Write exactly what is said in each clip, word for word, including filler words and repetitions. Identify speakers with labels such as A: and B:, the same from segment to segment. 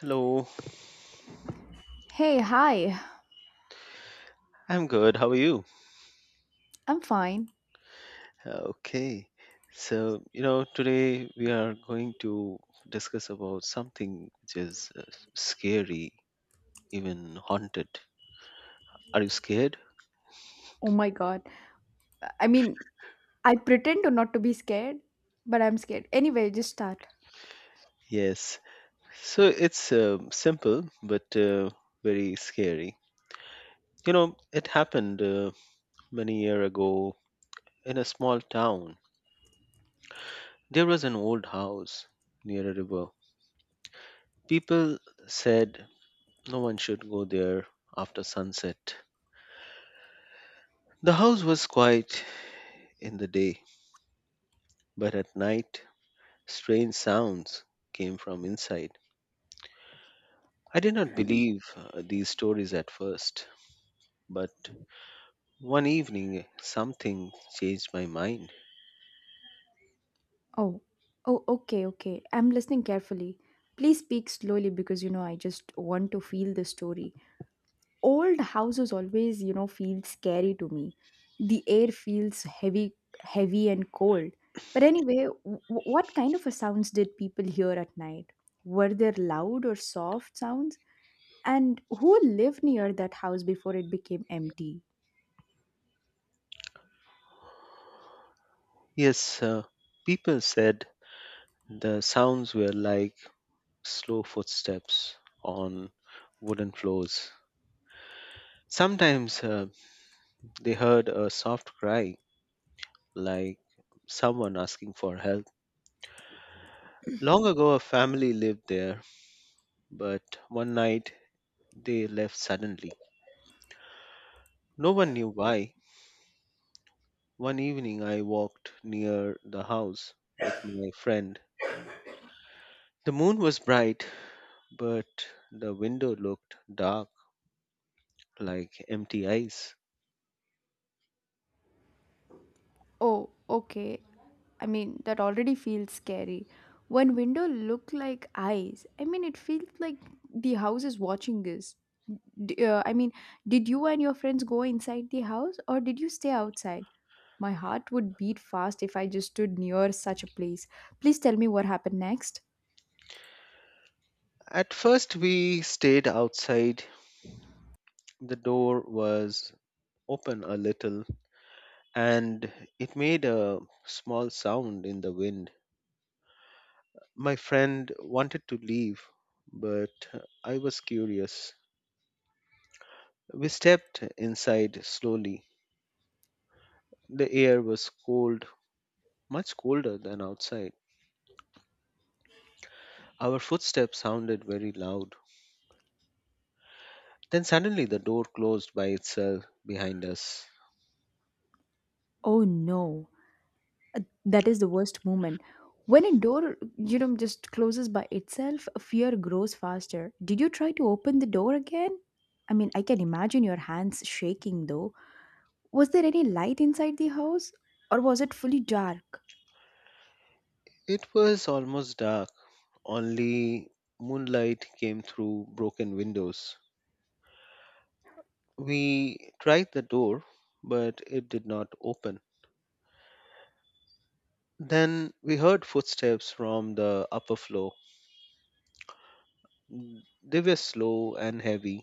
A: Hello,
B: Hey, hi.
A: I'm good. How are you?
B: I'm fine.
A: Okay. So, you know, today we are going to discuss about something which is uh, scary, even haunted. Are you scared?
B: Oh my god. I mean, I pretend to not to be scared, but I'm scared. Anyway, just start.
A: Yes. So it's uh, simple but uh, very scary. You know, it happened uh, many year ago in a small town. There was an old house near a river. People said no one should go there after sunset. The house was quiet in the day, but at night, strange sounds came from inside. I did not believe uh, these stories at first, but one evening something changed my mind.
B: Oh. Oh, okay, okay. I'm listening carefully. Please speak slowly because you know I just want to feel the story. Old houses always, you know, feel scary to me. The air feels heavy heavy and cold. But anyway, w- what kind of a sounds did people hear at night? Were there loud or soft sounds? And who lived near that house before it became empty?
A: Yes, uh, people said the sounds were like slow footsteps on wooden floors. Sometimes uh, they heard a soft cry, like someone asking for help. Long ago, a family lived there, but one night they left suddenly. No one knew why. One evening I walked near the house with my friend. The moon was bright, but the window looked dark like empty eyes.
B: Oh, okay. I mean, that already feels scary. When window look like eyes, I mean, it feels like the house is watching us. D- uh, I mean, did you and your friends go inside the house or did you stay outside? My heart would beat fast if I just stood near such a place. Please tell me what happened next.
A: At first, we stayed outside. The door was open a little and it made a small sound in the wind. My friend wanted to leave, but I was curious. We stepped inside slowly. The air was cold, much colder than outside. Our footsteps sounded very loud. Then suddenly the door closed by itself behind us.
B: Oh no. Uh, that is the worst moment. When a door, you know, just closes by itself, fear grows faster. Did you try to open the door again? I mean, I can imagine your hands shaking though. Was there any light inside the house or was it fully dark?
A: It was almost dark, only moonlight came through broken windows. We tried the door, but it did not open. Then we heard footsteps from the upper floor. They were slow and heavy,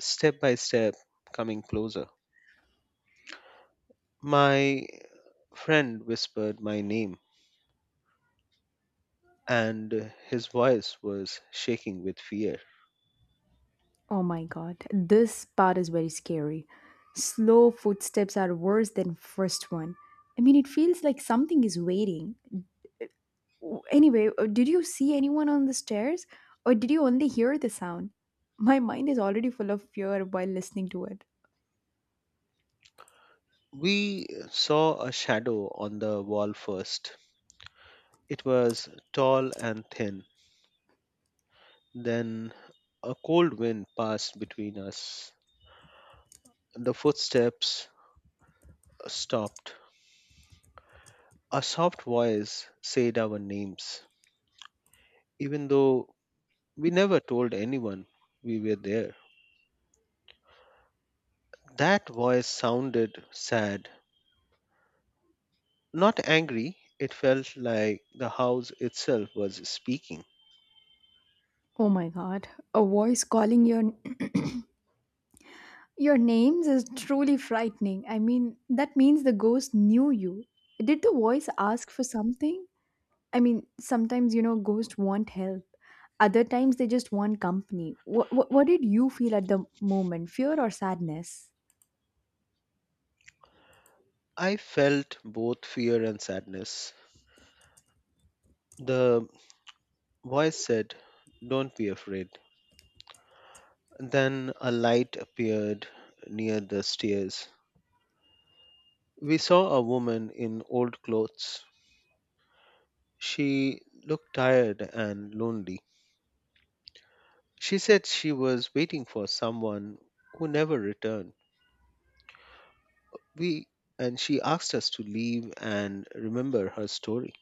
A: step by step, coming closer. My friend whispered my name, and his voice was shaking with fear.
B: Oh my god, this part is very scary. Slow footsteps are worse than first one. I mean, it feels like something is waiting. W- Anyway, uh, did you see anyone on the stairs or did you only hear the sound? My mind is already full of fear while listening to it.
A: We saw a shadow on the wall first. It was tall and thin. Then a cold wind passed between us. The footsteps stopped. A soft voice said our names, even though we never told anyone we were there. That voice sounded sad, not angry. It felt like the house itself was speaking.
B: Oh my god, a voice calling your your names is truly frightening. I mean, that means the ghost knew you. Did the voice ask for something? I mean, sometimes you know ghosts want help. Other times they just want company. What what, what did you feel at the moment? Fear or sadness?
A: I felt both fear and sadness. The voice said, "Don't be afraid." Then a light appeared near the stairs. We saw a woman in old clothes. She looked tired and lonely. She said she was waiting for someone who never returned. We, and she asked us to leave and remember her story.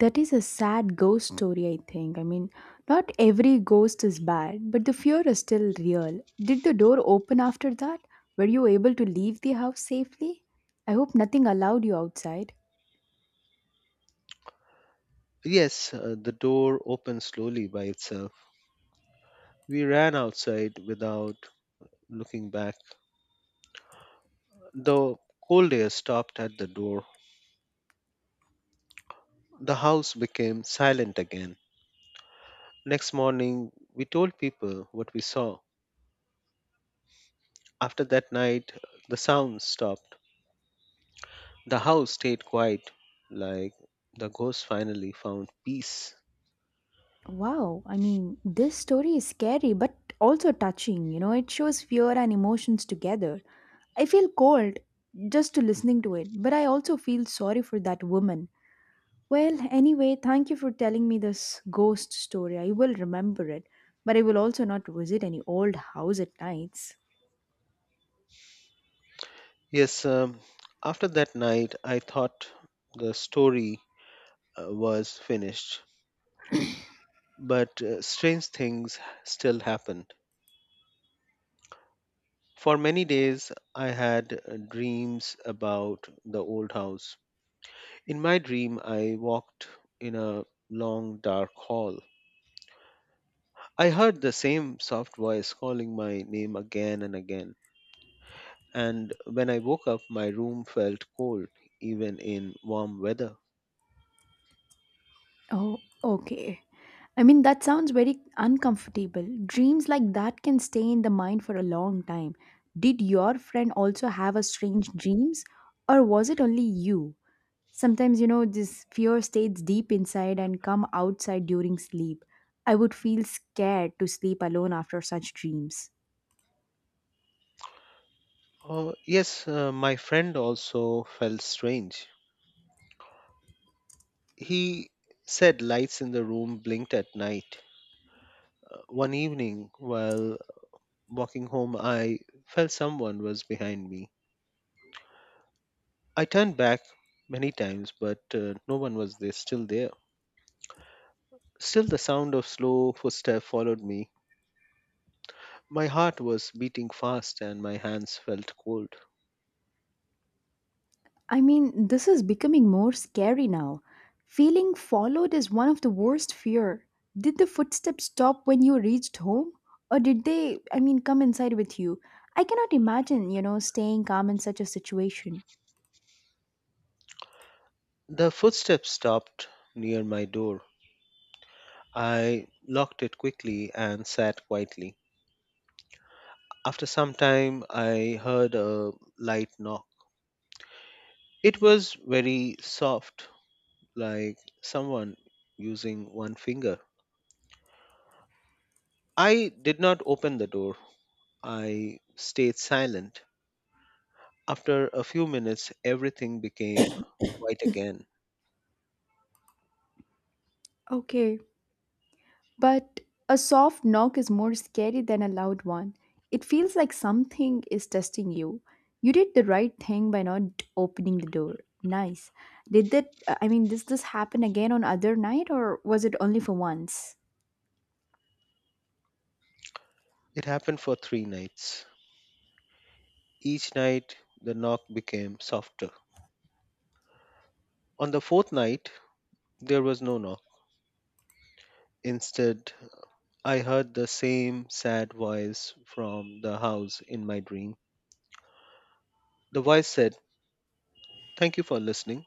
B: That is a sad ghost story, I think. I mean, not every ghost is bad, but the fear is still real. Did the door open after that? Were you able to leave the house safely? I hope nothing allowed you outside.
A: Yes, uh, the door opened slowly by itself. We ran outside without looking back. The cold air stopped at the door. The house became silent again. Next morning, we told people what we saw. After that night, the sounds stopped. The house stayed quiet, like the ghost finally found peace.
B: Wow, I mean, this story is scary but also touching. You know, it shows fear and emotions together. I feel cold just to listening to it, but I also feel sorry for that woman. Well, anyway, thank you for telling me this ghost story. I will remember it, but I will also not visit any old house at nights.
A: Yes, um, after that night, I thought the story uh, was finished, but uh, strange things still happened. For many days, I had uh, dreams about the old house. In my dream, I walked in a long dark hall. I heard the same soft voice calling my name again and again. And when I woke up, my room felt cold, even in warm weather.
B: Oh, okay. I mean, that sounds very uncomfortable. Dreams like that can stay in the mind for a long time. Did your friend also have a strange dreams or was it only you? Sometimes, you know, this fear stays deep inside and come outside during sleep. I would feel scared to sleep alone after such dreams.
A: Oh, yes, uh, my friend also felt strange. He said lights in the room blinked at night. Uh, one evening, while walking home, I felt someone was behind me. I turned back many times, but uh, no one was there, still there. Still, the sound of slow footsteps followed me. My heart was beating fast and my hands felt cold.
B: I mean, this is becoming more scary now. Feeling followed is one of the worst fear. Did the footsteps stop when you reached home or did they, I mean, come inside with you? I cannot imagine, you know, staying calm in such a situation.
A: The footsteps stopped near my door. I locked it quickly and sat quietly. After some time, I heard a light knock. It was very soft, like someone using one finger. I did not open the door. I stayed silent. After a few minutes, everything became quiet again.
B: Okay, but a soft knock is more scary than a loud one. It feels like something is testing you. You did the right thing by not opening the door. Nice. Did that I mean, does this happen again on other night or was it only for once?
A: It happened for three nights. Each night, the knock became softer. On the fourth night, there was no knock. Instead, I heard the same sad voice from the house in my dream. The voice said, "Thank you for listening."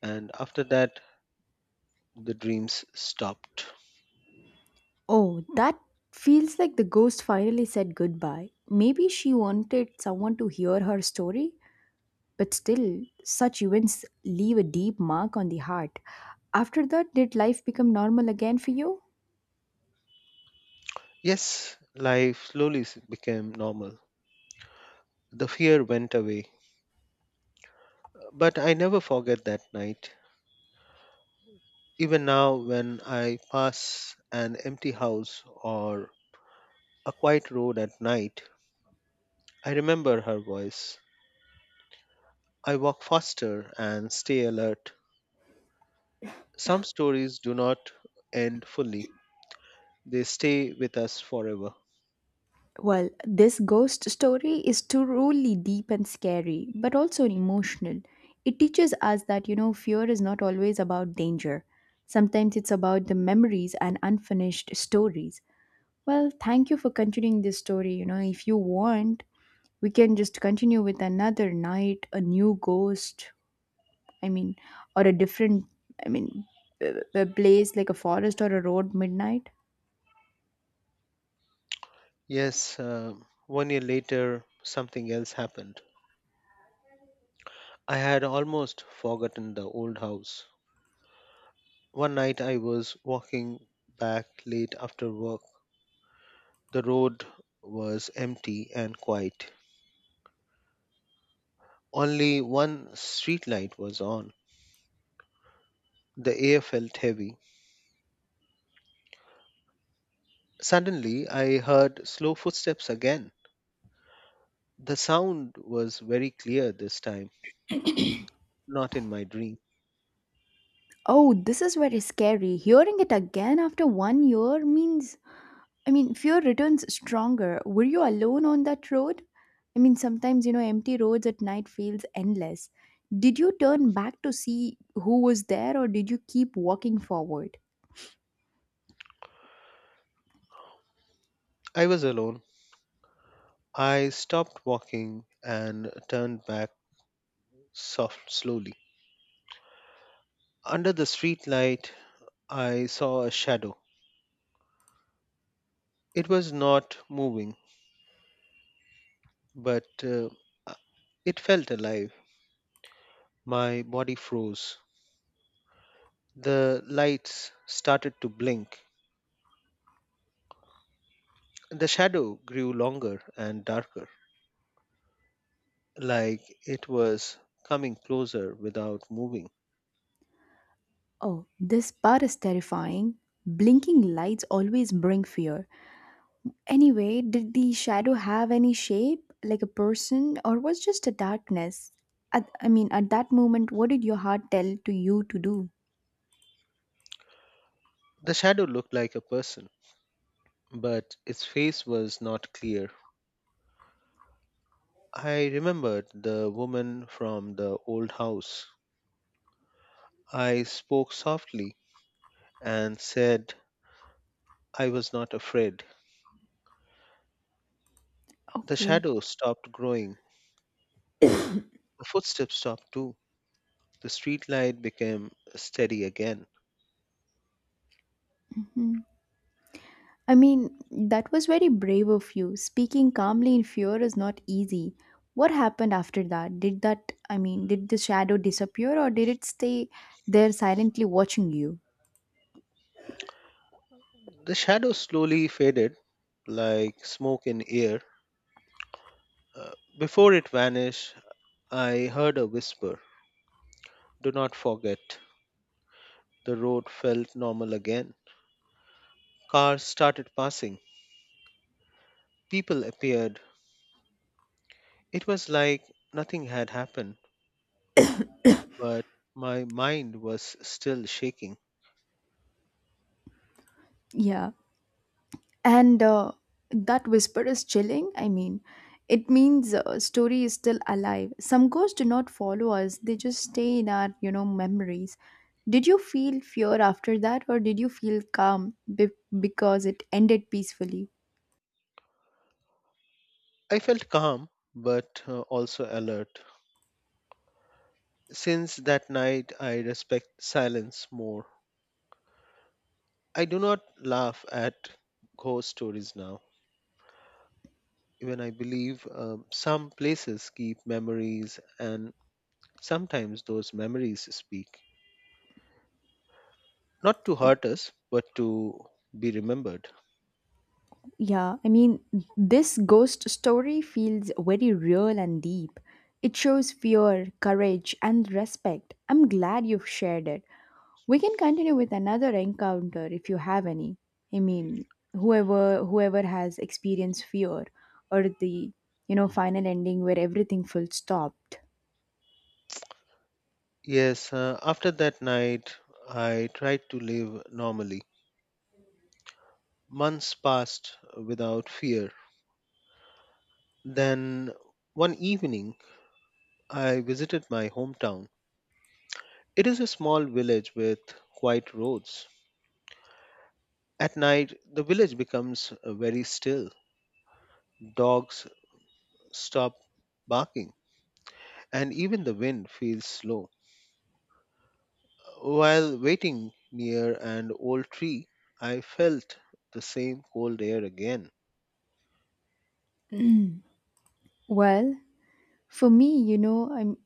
A: And after that, the dreams stopped.
B: Oh, that feels like the ghost finally said goodbye. Maybe she wanted someone to hear her story, but still, such events leave a deep mark on the heart. After that, did life become normal again for you?
A: Yes, life slowly s- became normal. The fear went away. But I never forget that night. Even now, when I pass an empty house or a quiet road at night, I remember her voice. I walk faster and stay alert. Some stories do not end fully, they stay with us forever.
B: Well, this ghost story is truly deep and scary, but also emotional. It teaches us that, you know, fear is not always about danger. Sometimes it's about the memories and unfinished stories. Well, thank you for continuing this story. You know, if you want, we can just continue with another night a new ghost i mean or a different i mean b- b- place like a forest or a road midnight.
A: Yes, um one year later, something else happened. I had almost forgotten the old house. One night I was walking back late after work. The road was empty and quiet. Only one street light was on. The air felt heavy. Suddenly, I heard slow footsteps again. The sound was very clear this time, not in my dream.
B: Oh, this is very scary. Hearing it again after one year means, I mean, fear returns stronger. Were you alone on that road? I mean, sometimes, you know, empty roads at night feels endless. Did you turn back to see who was there or did you keep walking forward?
A: I was alone. I stopped walking and turned back soft, slowly. Under the street light, I saw a shadow. It was not moving, but uh, uh, it felt alive. My body froze. The lights started to blink. The shadow grew longer and darker, like it was coming closer without moving.
B: Oh, this part is terrifying. Blinking lights always bring fear. Anyway, did the shadow have any shape, like a person, or was just a darkness? At, I mean, at that moment, what did your heart tell to you to do?
A: The shadow looked like a person, but its face was not clear. I remembered the woman from the old house. I spoke softly and said I was not afraid. The
B: Okay.
A: shadow stopped growing. The footsteps stopped too. The street light became steady again.
B: Mhm. I mean, that was very brave of you. Speaking calmly in fear is not easy. What happened after that? Did that, I mean, did the shadow disappear or did it stay there silently watching you?
A: The shadow slowly faded like smoke in air. Uh, Before it vanished, I heard a whisper. "Do not forget." The road felt normal again. Cars started passing, people appeared. It was like nothing had happened, but my mind was still shaking.
B: Yeah. And uh, that whisper is chilling. I mean, it means uh, story is still alive. Some ghosts do not follow us; they just stay in our, you know, memories. Did you feel fear after that, or did you feel calm be- because it ended peacefully?
A: I felt calm, but uh, also alert. Since that night, I respect silence more. I do not laugh at ghost stories now. Even I believe um, some places keep memories, and sometimes those memories speak. Not to
B: Oh,
A: hurt us, but to be remembered.
B: yeah, I mean, this ghost story feels very real and deep. It shows fear, courage, and respect. I'm glad you've shared it. We can continue with another encounter if you have any. I mean, whoever whoever has experienced fear or the you know final ending where everything full stopped.
A: Yes, uh, after that night, I tried to live normally. Months passed without fear. Then one evening, I visited my hometown. It is a small village with quiet roads. At night, the village becomes uh, very still. Dogs stop barking, and even the wind feels slow. While waiting near an old tree, I felt the same cold air again.
B: Well, for me, you know, I'm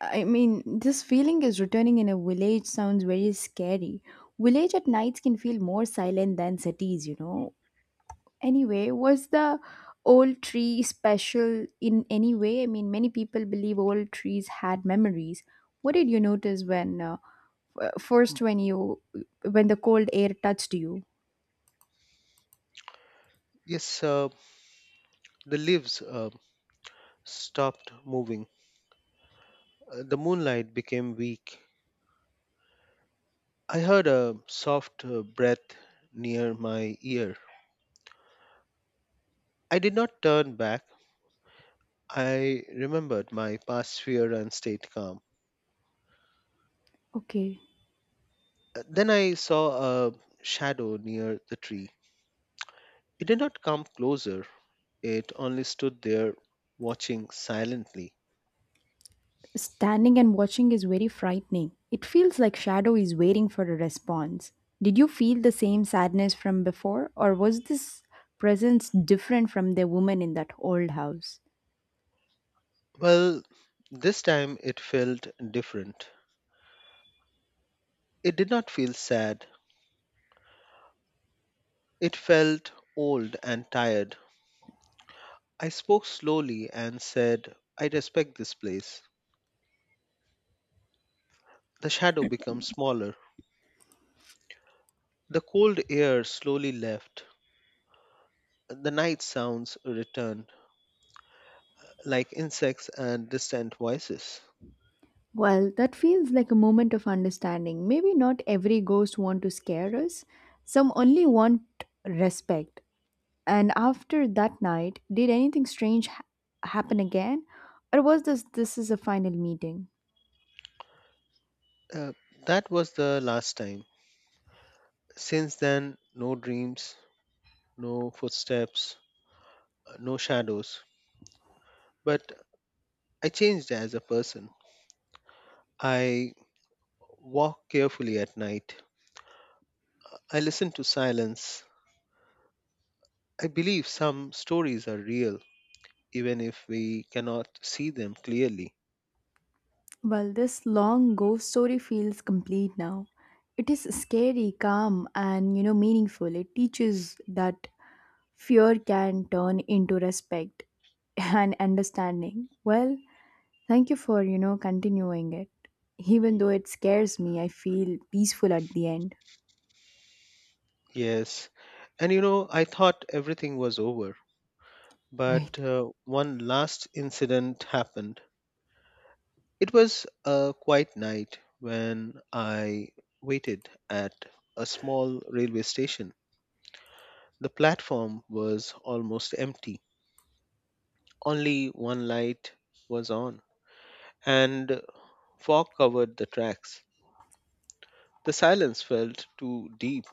B: I mean, this feeling is returning in a village sounds very scary. Village at nights can feel more silent than cities, you know. Anyway, was the old tree special in any way? I mean, many people believe old trees had memories. What did you notice when uh, uh, first when you when the cold air touched you?
A: Yes, uh, the leaves uh, stopped moving. Uh, the moonlight became weak. I heard a soft uh, breath near my ear. I did not turn back. I remembered my past fear and stayed calm.
B: Okay.
A: Uh, Then I saw a shadow near the tree. It did not come closer, it only stood there watching silently.
B: Standing and watching is very frightening. It feels like shadow is waiting for a response. Did you feel the same sadness from before or was this presence different from the woman in that old house?
A: Well, this time it felt different. It did not feel sad. It felt old and tired. I spoke slowly and said, "I respect this place." The shadow becomes smaller. The cold air slowly left. The night sounds returned, like insects and distant voices.
B: Well, that feels like a moment of understanding. Maybe not every ghost want to scare us. Some only want respect. And after that night, did anything strange ha- happen again, or was this this is a final meeting?
A: Uh, that was the last time. Since then, no dreams, no footsteps, no shadows. But I changed as a person. I walk carefully at night. I listen to silence. I believe some stories are real, even if we cannot see them clearly.
B: Well, this long ghost story feels complete now. It is scary, calm, and you know meaningful. It teaches that fear can turn into respect and understanding. Well, thank you for, you know, continuing it. Even though it scares me, I feel peaceful at the end.
A: Yes, and you know, I thought everything was over, but
B: Wait.
A: uh, one last incident happened. It was a quiet night when I waited at a small railway station. The platform was almost empty, only one light was on, and fog covered the tracks. The silence felt too deep.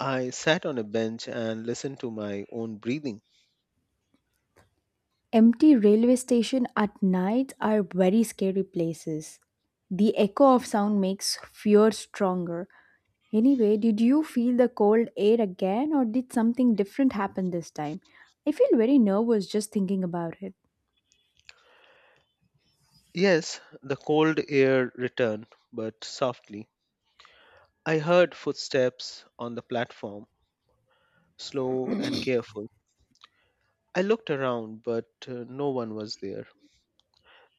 A: I sat on a bench and listened to my own breathing.
B: Empty railway station at night are very scary places. The echo of sound makes fear stronger. Anyway, did you feel the cold air again or did something different happen this time? I feel very nervous just thinking about it.
A: Yes, the cold air returned, but softly. I heard footsteps on the platform, slow and careful. I looked around, but uh, no one was there.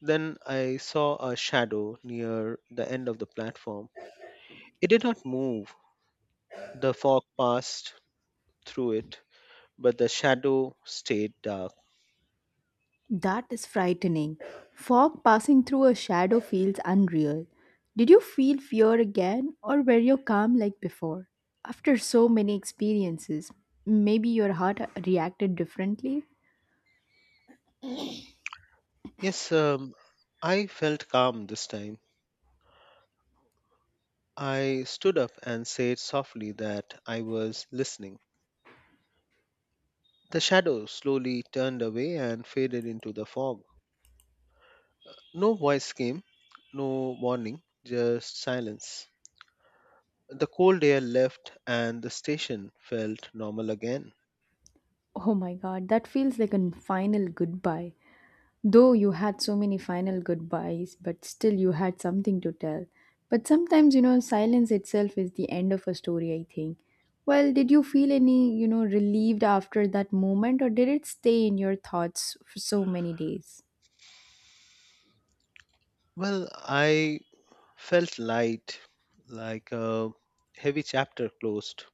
A: Then I saw a shadow near the end of the platform. It did not move. The fog passed through it, but the shadow stayed dark.
B: That is frightening. Fog passing through a shadow feels unreal. Did you feel fear again, or were you calm like before? After so many experiences, maybe your heart reacted differently?
A: Yes, um, I felt calm this time. I stood up and said softly that I was listening. The shadow slowly turned away and faded into the fog. No voice came, no warning, just silence. The cold air left and the station felt normal again.
B: Oh my god, that feels like a final goodbye. Though you had so many final goodbyes, but still you had something to tell. But sometimes, you know, silence itself is the end of a story, I think. Well, did you feel any, you know, relieved after that moment, or did it stay in your thoughts for so many days?
A: Well, I felt light, like a heavy chapter closed.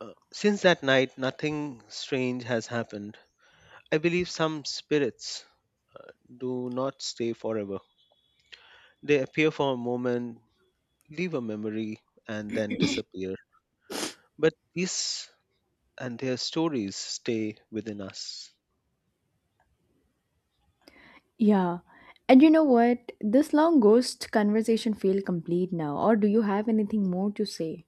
A: Uh, since that night, nothing strange has happened. I believe some spirits do not stay forever. They appear for a moment, leave a memory, and then disappear. But these and their stories stay within us.
B: Yeah. And you know what? This long ghost conversation feel complete now, or do you have anything more to say?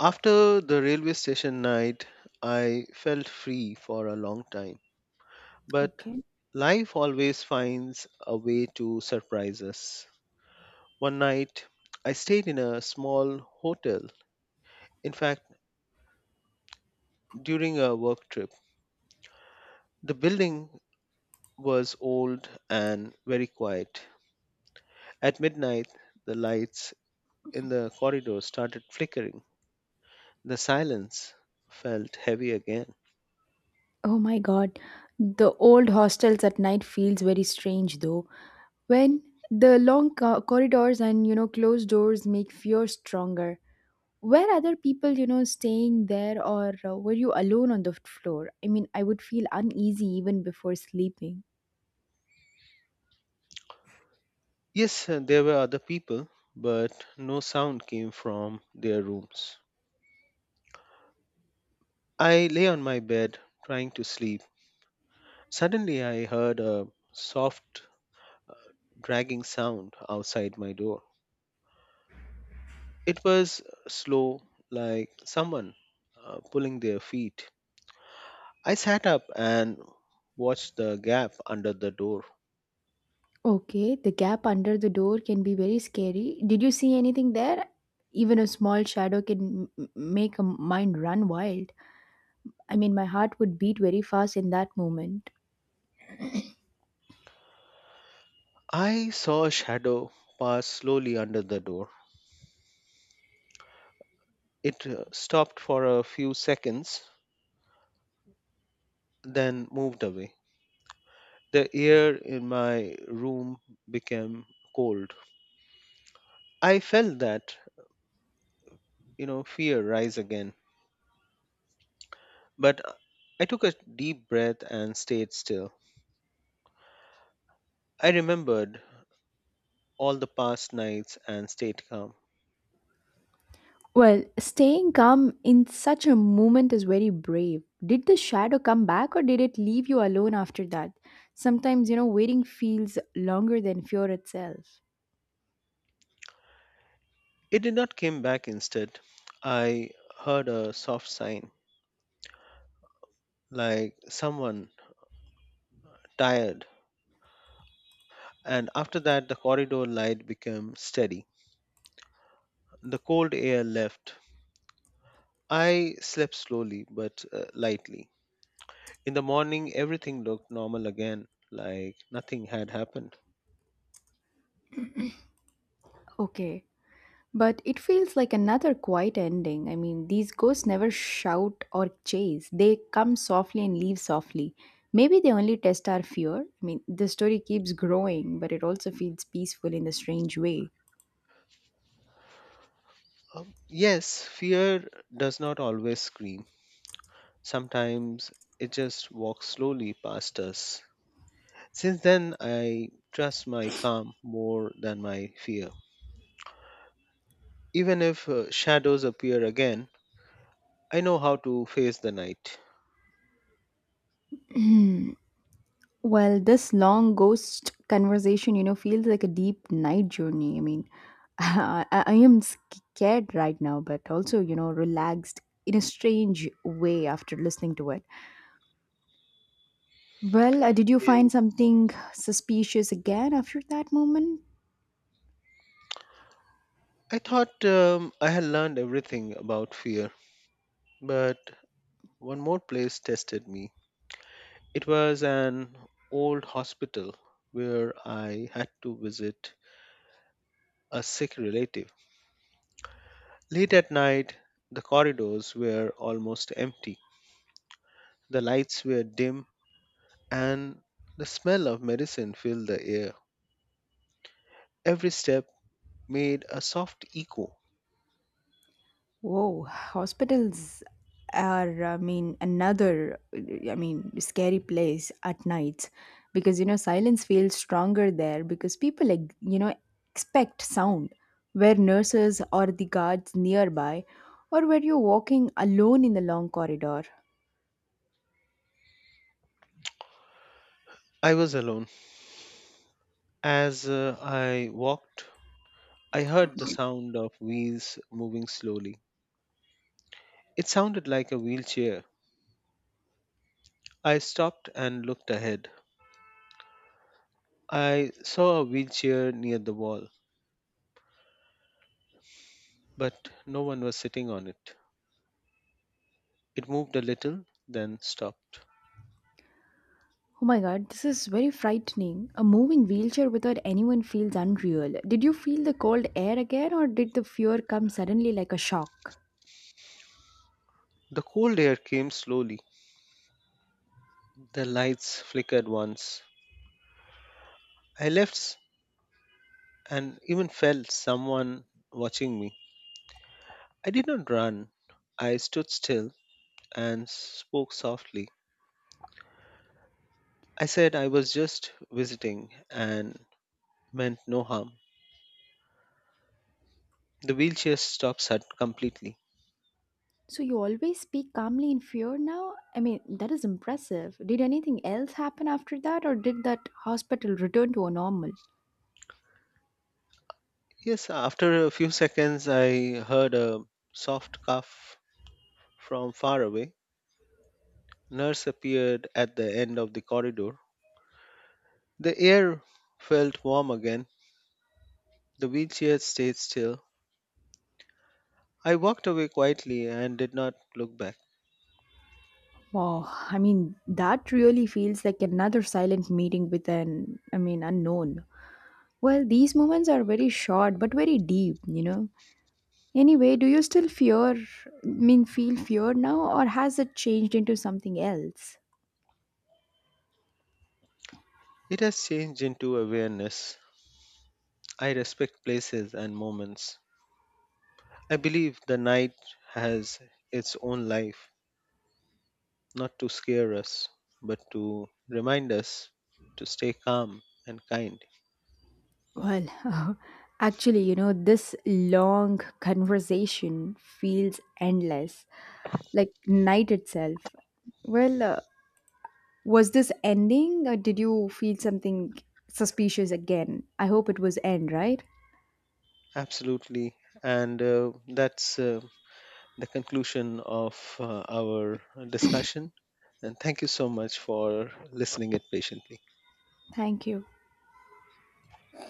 A: After the railway station night, I felt free for a long time. But
B: Okay.
A: life always finds a way to surprise us. One night, I stayed in a small hotel. In fact, during a work trip, the building was old and very quiet. At midnight, the lights in the corridor started flickering. The silence felt heavy again.
B: Oh my god, the old hostels at night feels very strange though. When the long co- corridors and you know closed doors make fear stronger. Were other people you know staying there or uh, were you alone on the f- floor? I mean, I would feel uneasy even before sleeping.
A: Yes, uh, there were other people, but no sound came from their rooms. I lay on my bed trying to sleep. Suddenly, I heard a soft, dragging sound outside my door. It was slow, like someone uh, pulling their feet. I sat up and watched the gap under the door.
B: Okay, the gap under the door can be very scary. Did you see anything there? Even a small shadow can m- m- make a mind run wild. I mean, my heart would beat very fast in that moment.
A: I saw a shadow pass slowly under the door. It uh, stopped for a few seconds, then moved away. The air in my room became cold. I felt that, you know, fear rise again, but I took a deep breath and stayed still. I remembered all the past nights and stayed calm.
B: Well, staying calm in such a moment is very brave. Did the shadow come back or did it leave you alone after that? Sometimes, you know, waiting feels longer than fear itself.
A: It did not come back instead. I heard a soft sign, like someone tired, and after that, the corridor light became steady. The cold air left. I slept slowly but uh, lightly. In the morning, everything looked normal again, like nothing had happened.
B: Okay. But it feels like another quiet ending. I mean, these ghosts never shout or chase. They come softly and leave softly. Maybe they only test our fear. I mean, the story keeps growing, but it also feels peaceful in a strange way.
A: Um, yes, fear does not always scream. Sometimes it just walks slowly past us. Since then, I trust my calm more than my fear. Even if uh, shadows appear again, I know how to face the night.
B: Well, this long ghost conversation, you know, feels like a deep night journey. I mean, I, I am scared right now, but also, you know, relaxed in a strange way after listening to it. Well, uh, did you
A: Yes.
B: find something suspicious again after that moment?
A: I thought um, I had learned everything about fear, but one more place tested me. It was an old hospital where I had to visit a sick relative. Late at night, the corridors were almost empty. The lights were dim and the smell of medicine filled the air. Every step made a soft echo.
B: Whoa, hospitals are, I mean, another, I mean, scary place at night because, you know, silence feels stronger there because people, like, you know, expect sound where nurses or the guards nearby or where you're walking alone in the long corridor.
A: I was alone. As uh, I walked, I heard the sound of wheels moving slowly. It sounded like a wheelchair. I stopped and looked ahead. I saw a wheelchair near the wall, but no one was sitting on it. It moved a little, then stopped.
B: Oh my god, this is very frightening. A moving wheelchair without anyone feels unreal. Did you feel the cold air again or did the fear come suddenly like a shock?
A: The cold air came slowly. The lights flickered once. I left and even felt someone watching me. I did not run. I stood still and spoke softly. I said I was just visiting and meant no harm. The wheelchair stopped sud- completely.
B: So you always speak calmly in fear now? I mean, that is impressive. Did anything else happen after that, or did that hospital return to a normal?
A: Yes, after a few seconds, I heard a soft cough from far away. Nurse appeared at the end of the corridor. The air felt warm again. The wheelchair stayed still. I walked away quietly and did not look back.
B: Wow, I mean, that really feels like another silent meeting with an, I mean, unknown. Well, these moments are very short but very deep, you know. Anyway, do you still fear, I mean, feel fear now, or has it changed into something else?
A: It has changed into awareness. I respect places and moments. I believe the night has its own life, not to scare us, but to remind us to stay calm and kind.
B: Well, actually, you know, this long conversation feels endless, like night itself. Well, uh, was this ending or did you feel something suspicious again? I hope it was end, right?
A: Absolutely. And uh, that's. Uh, the conclusion of uh, our discussion. And thank you so much for listening it patiently.
B: Thank you.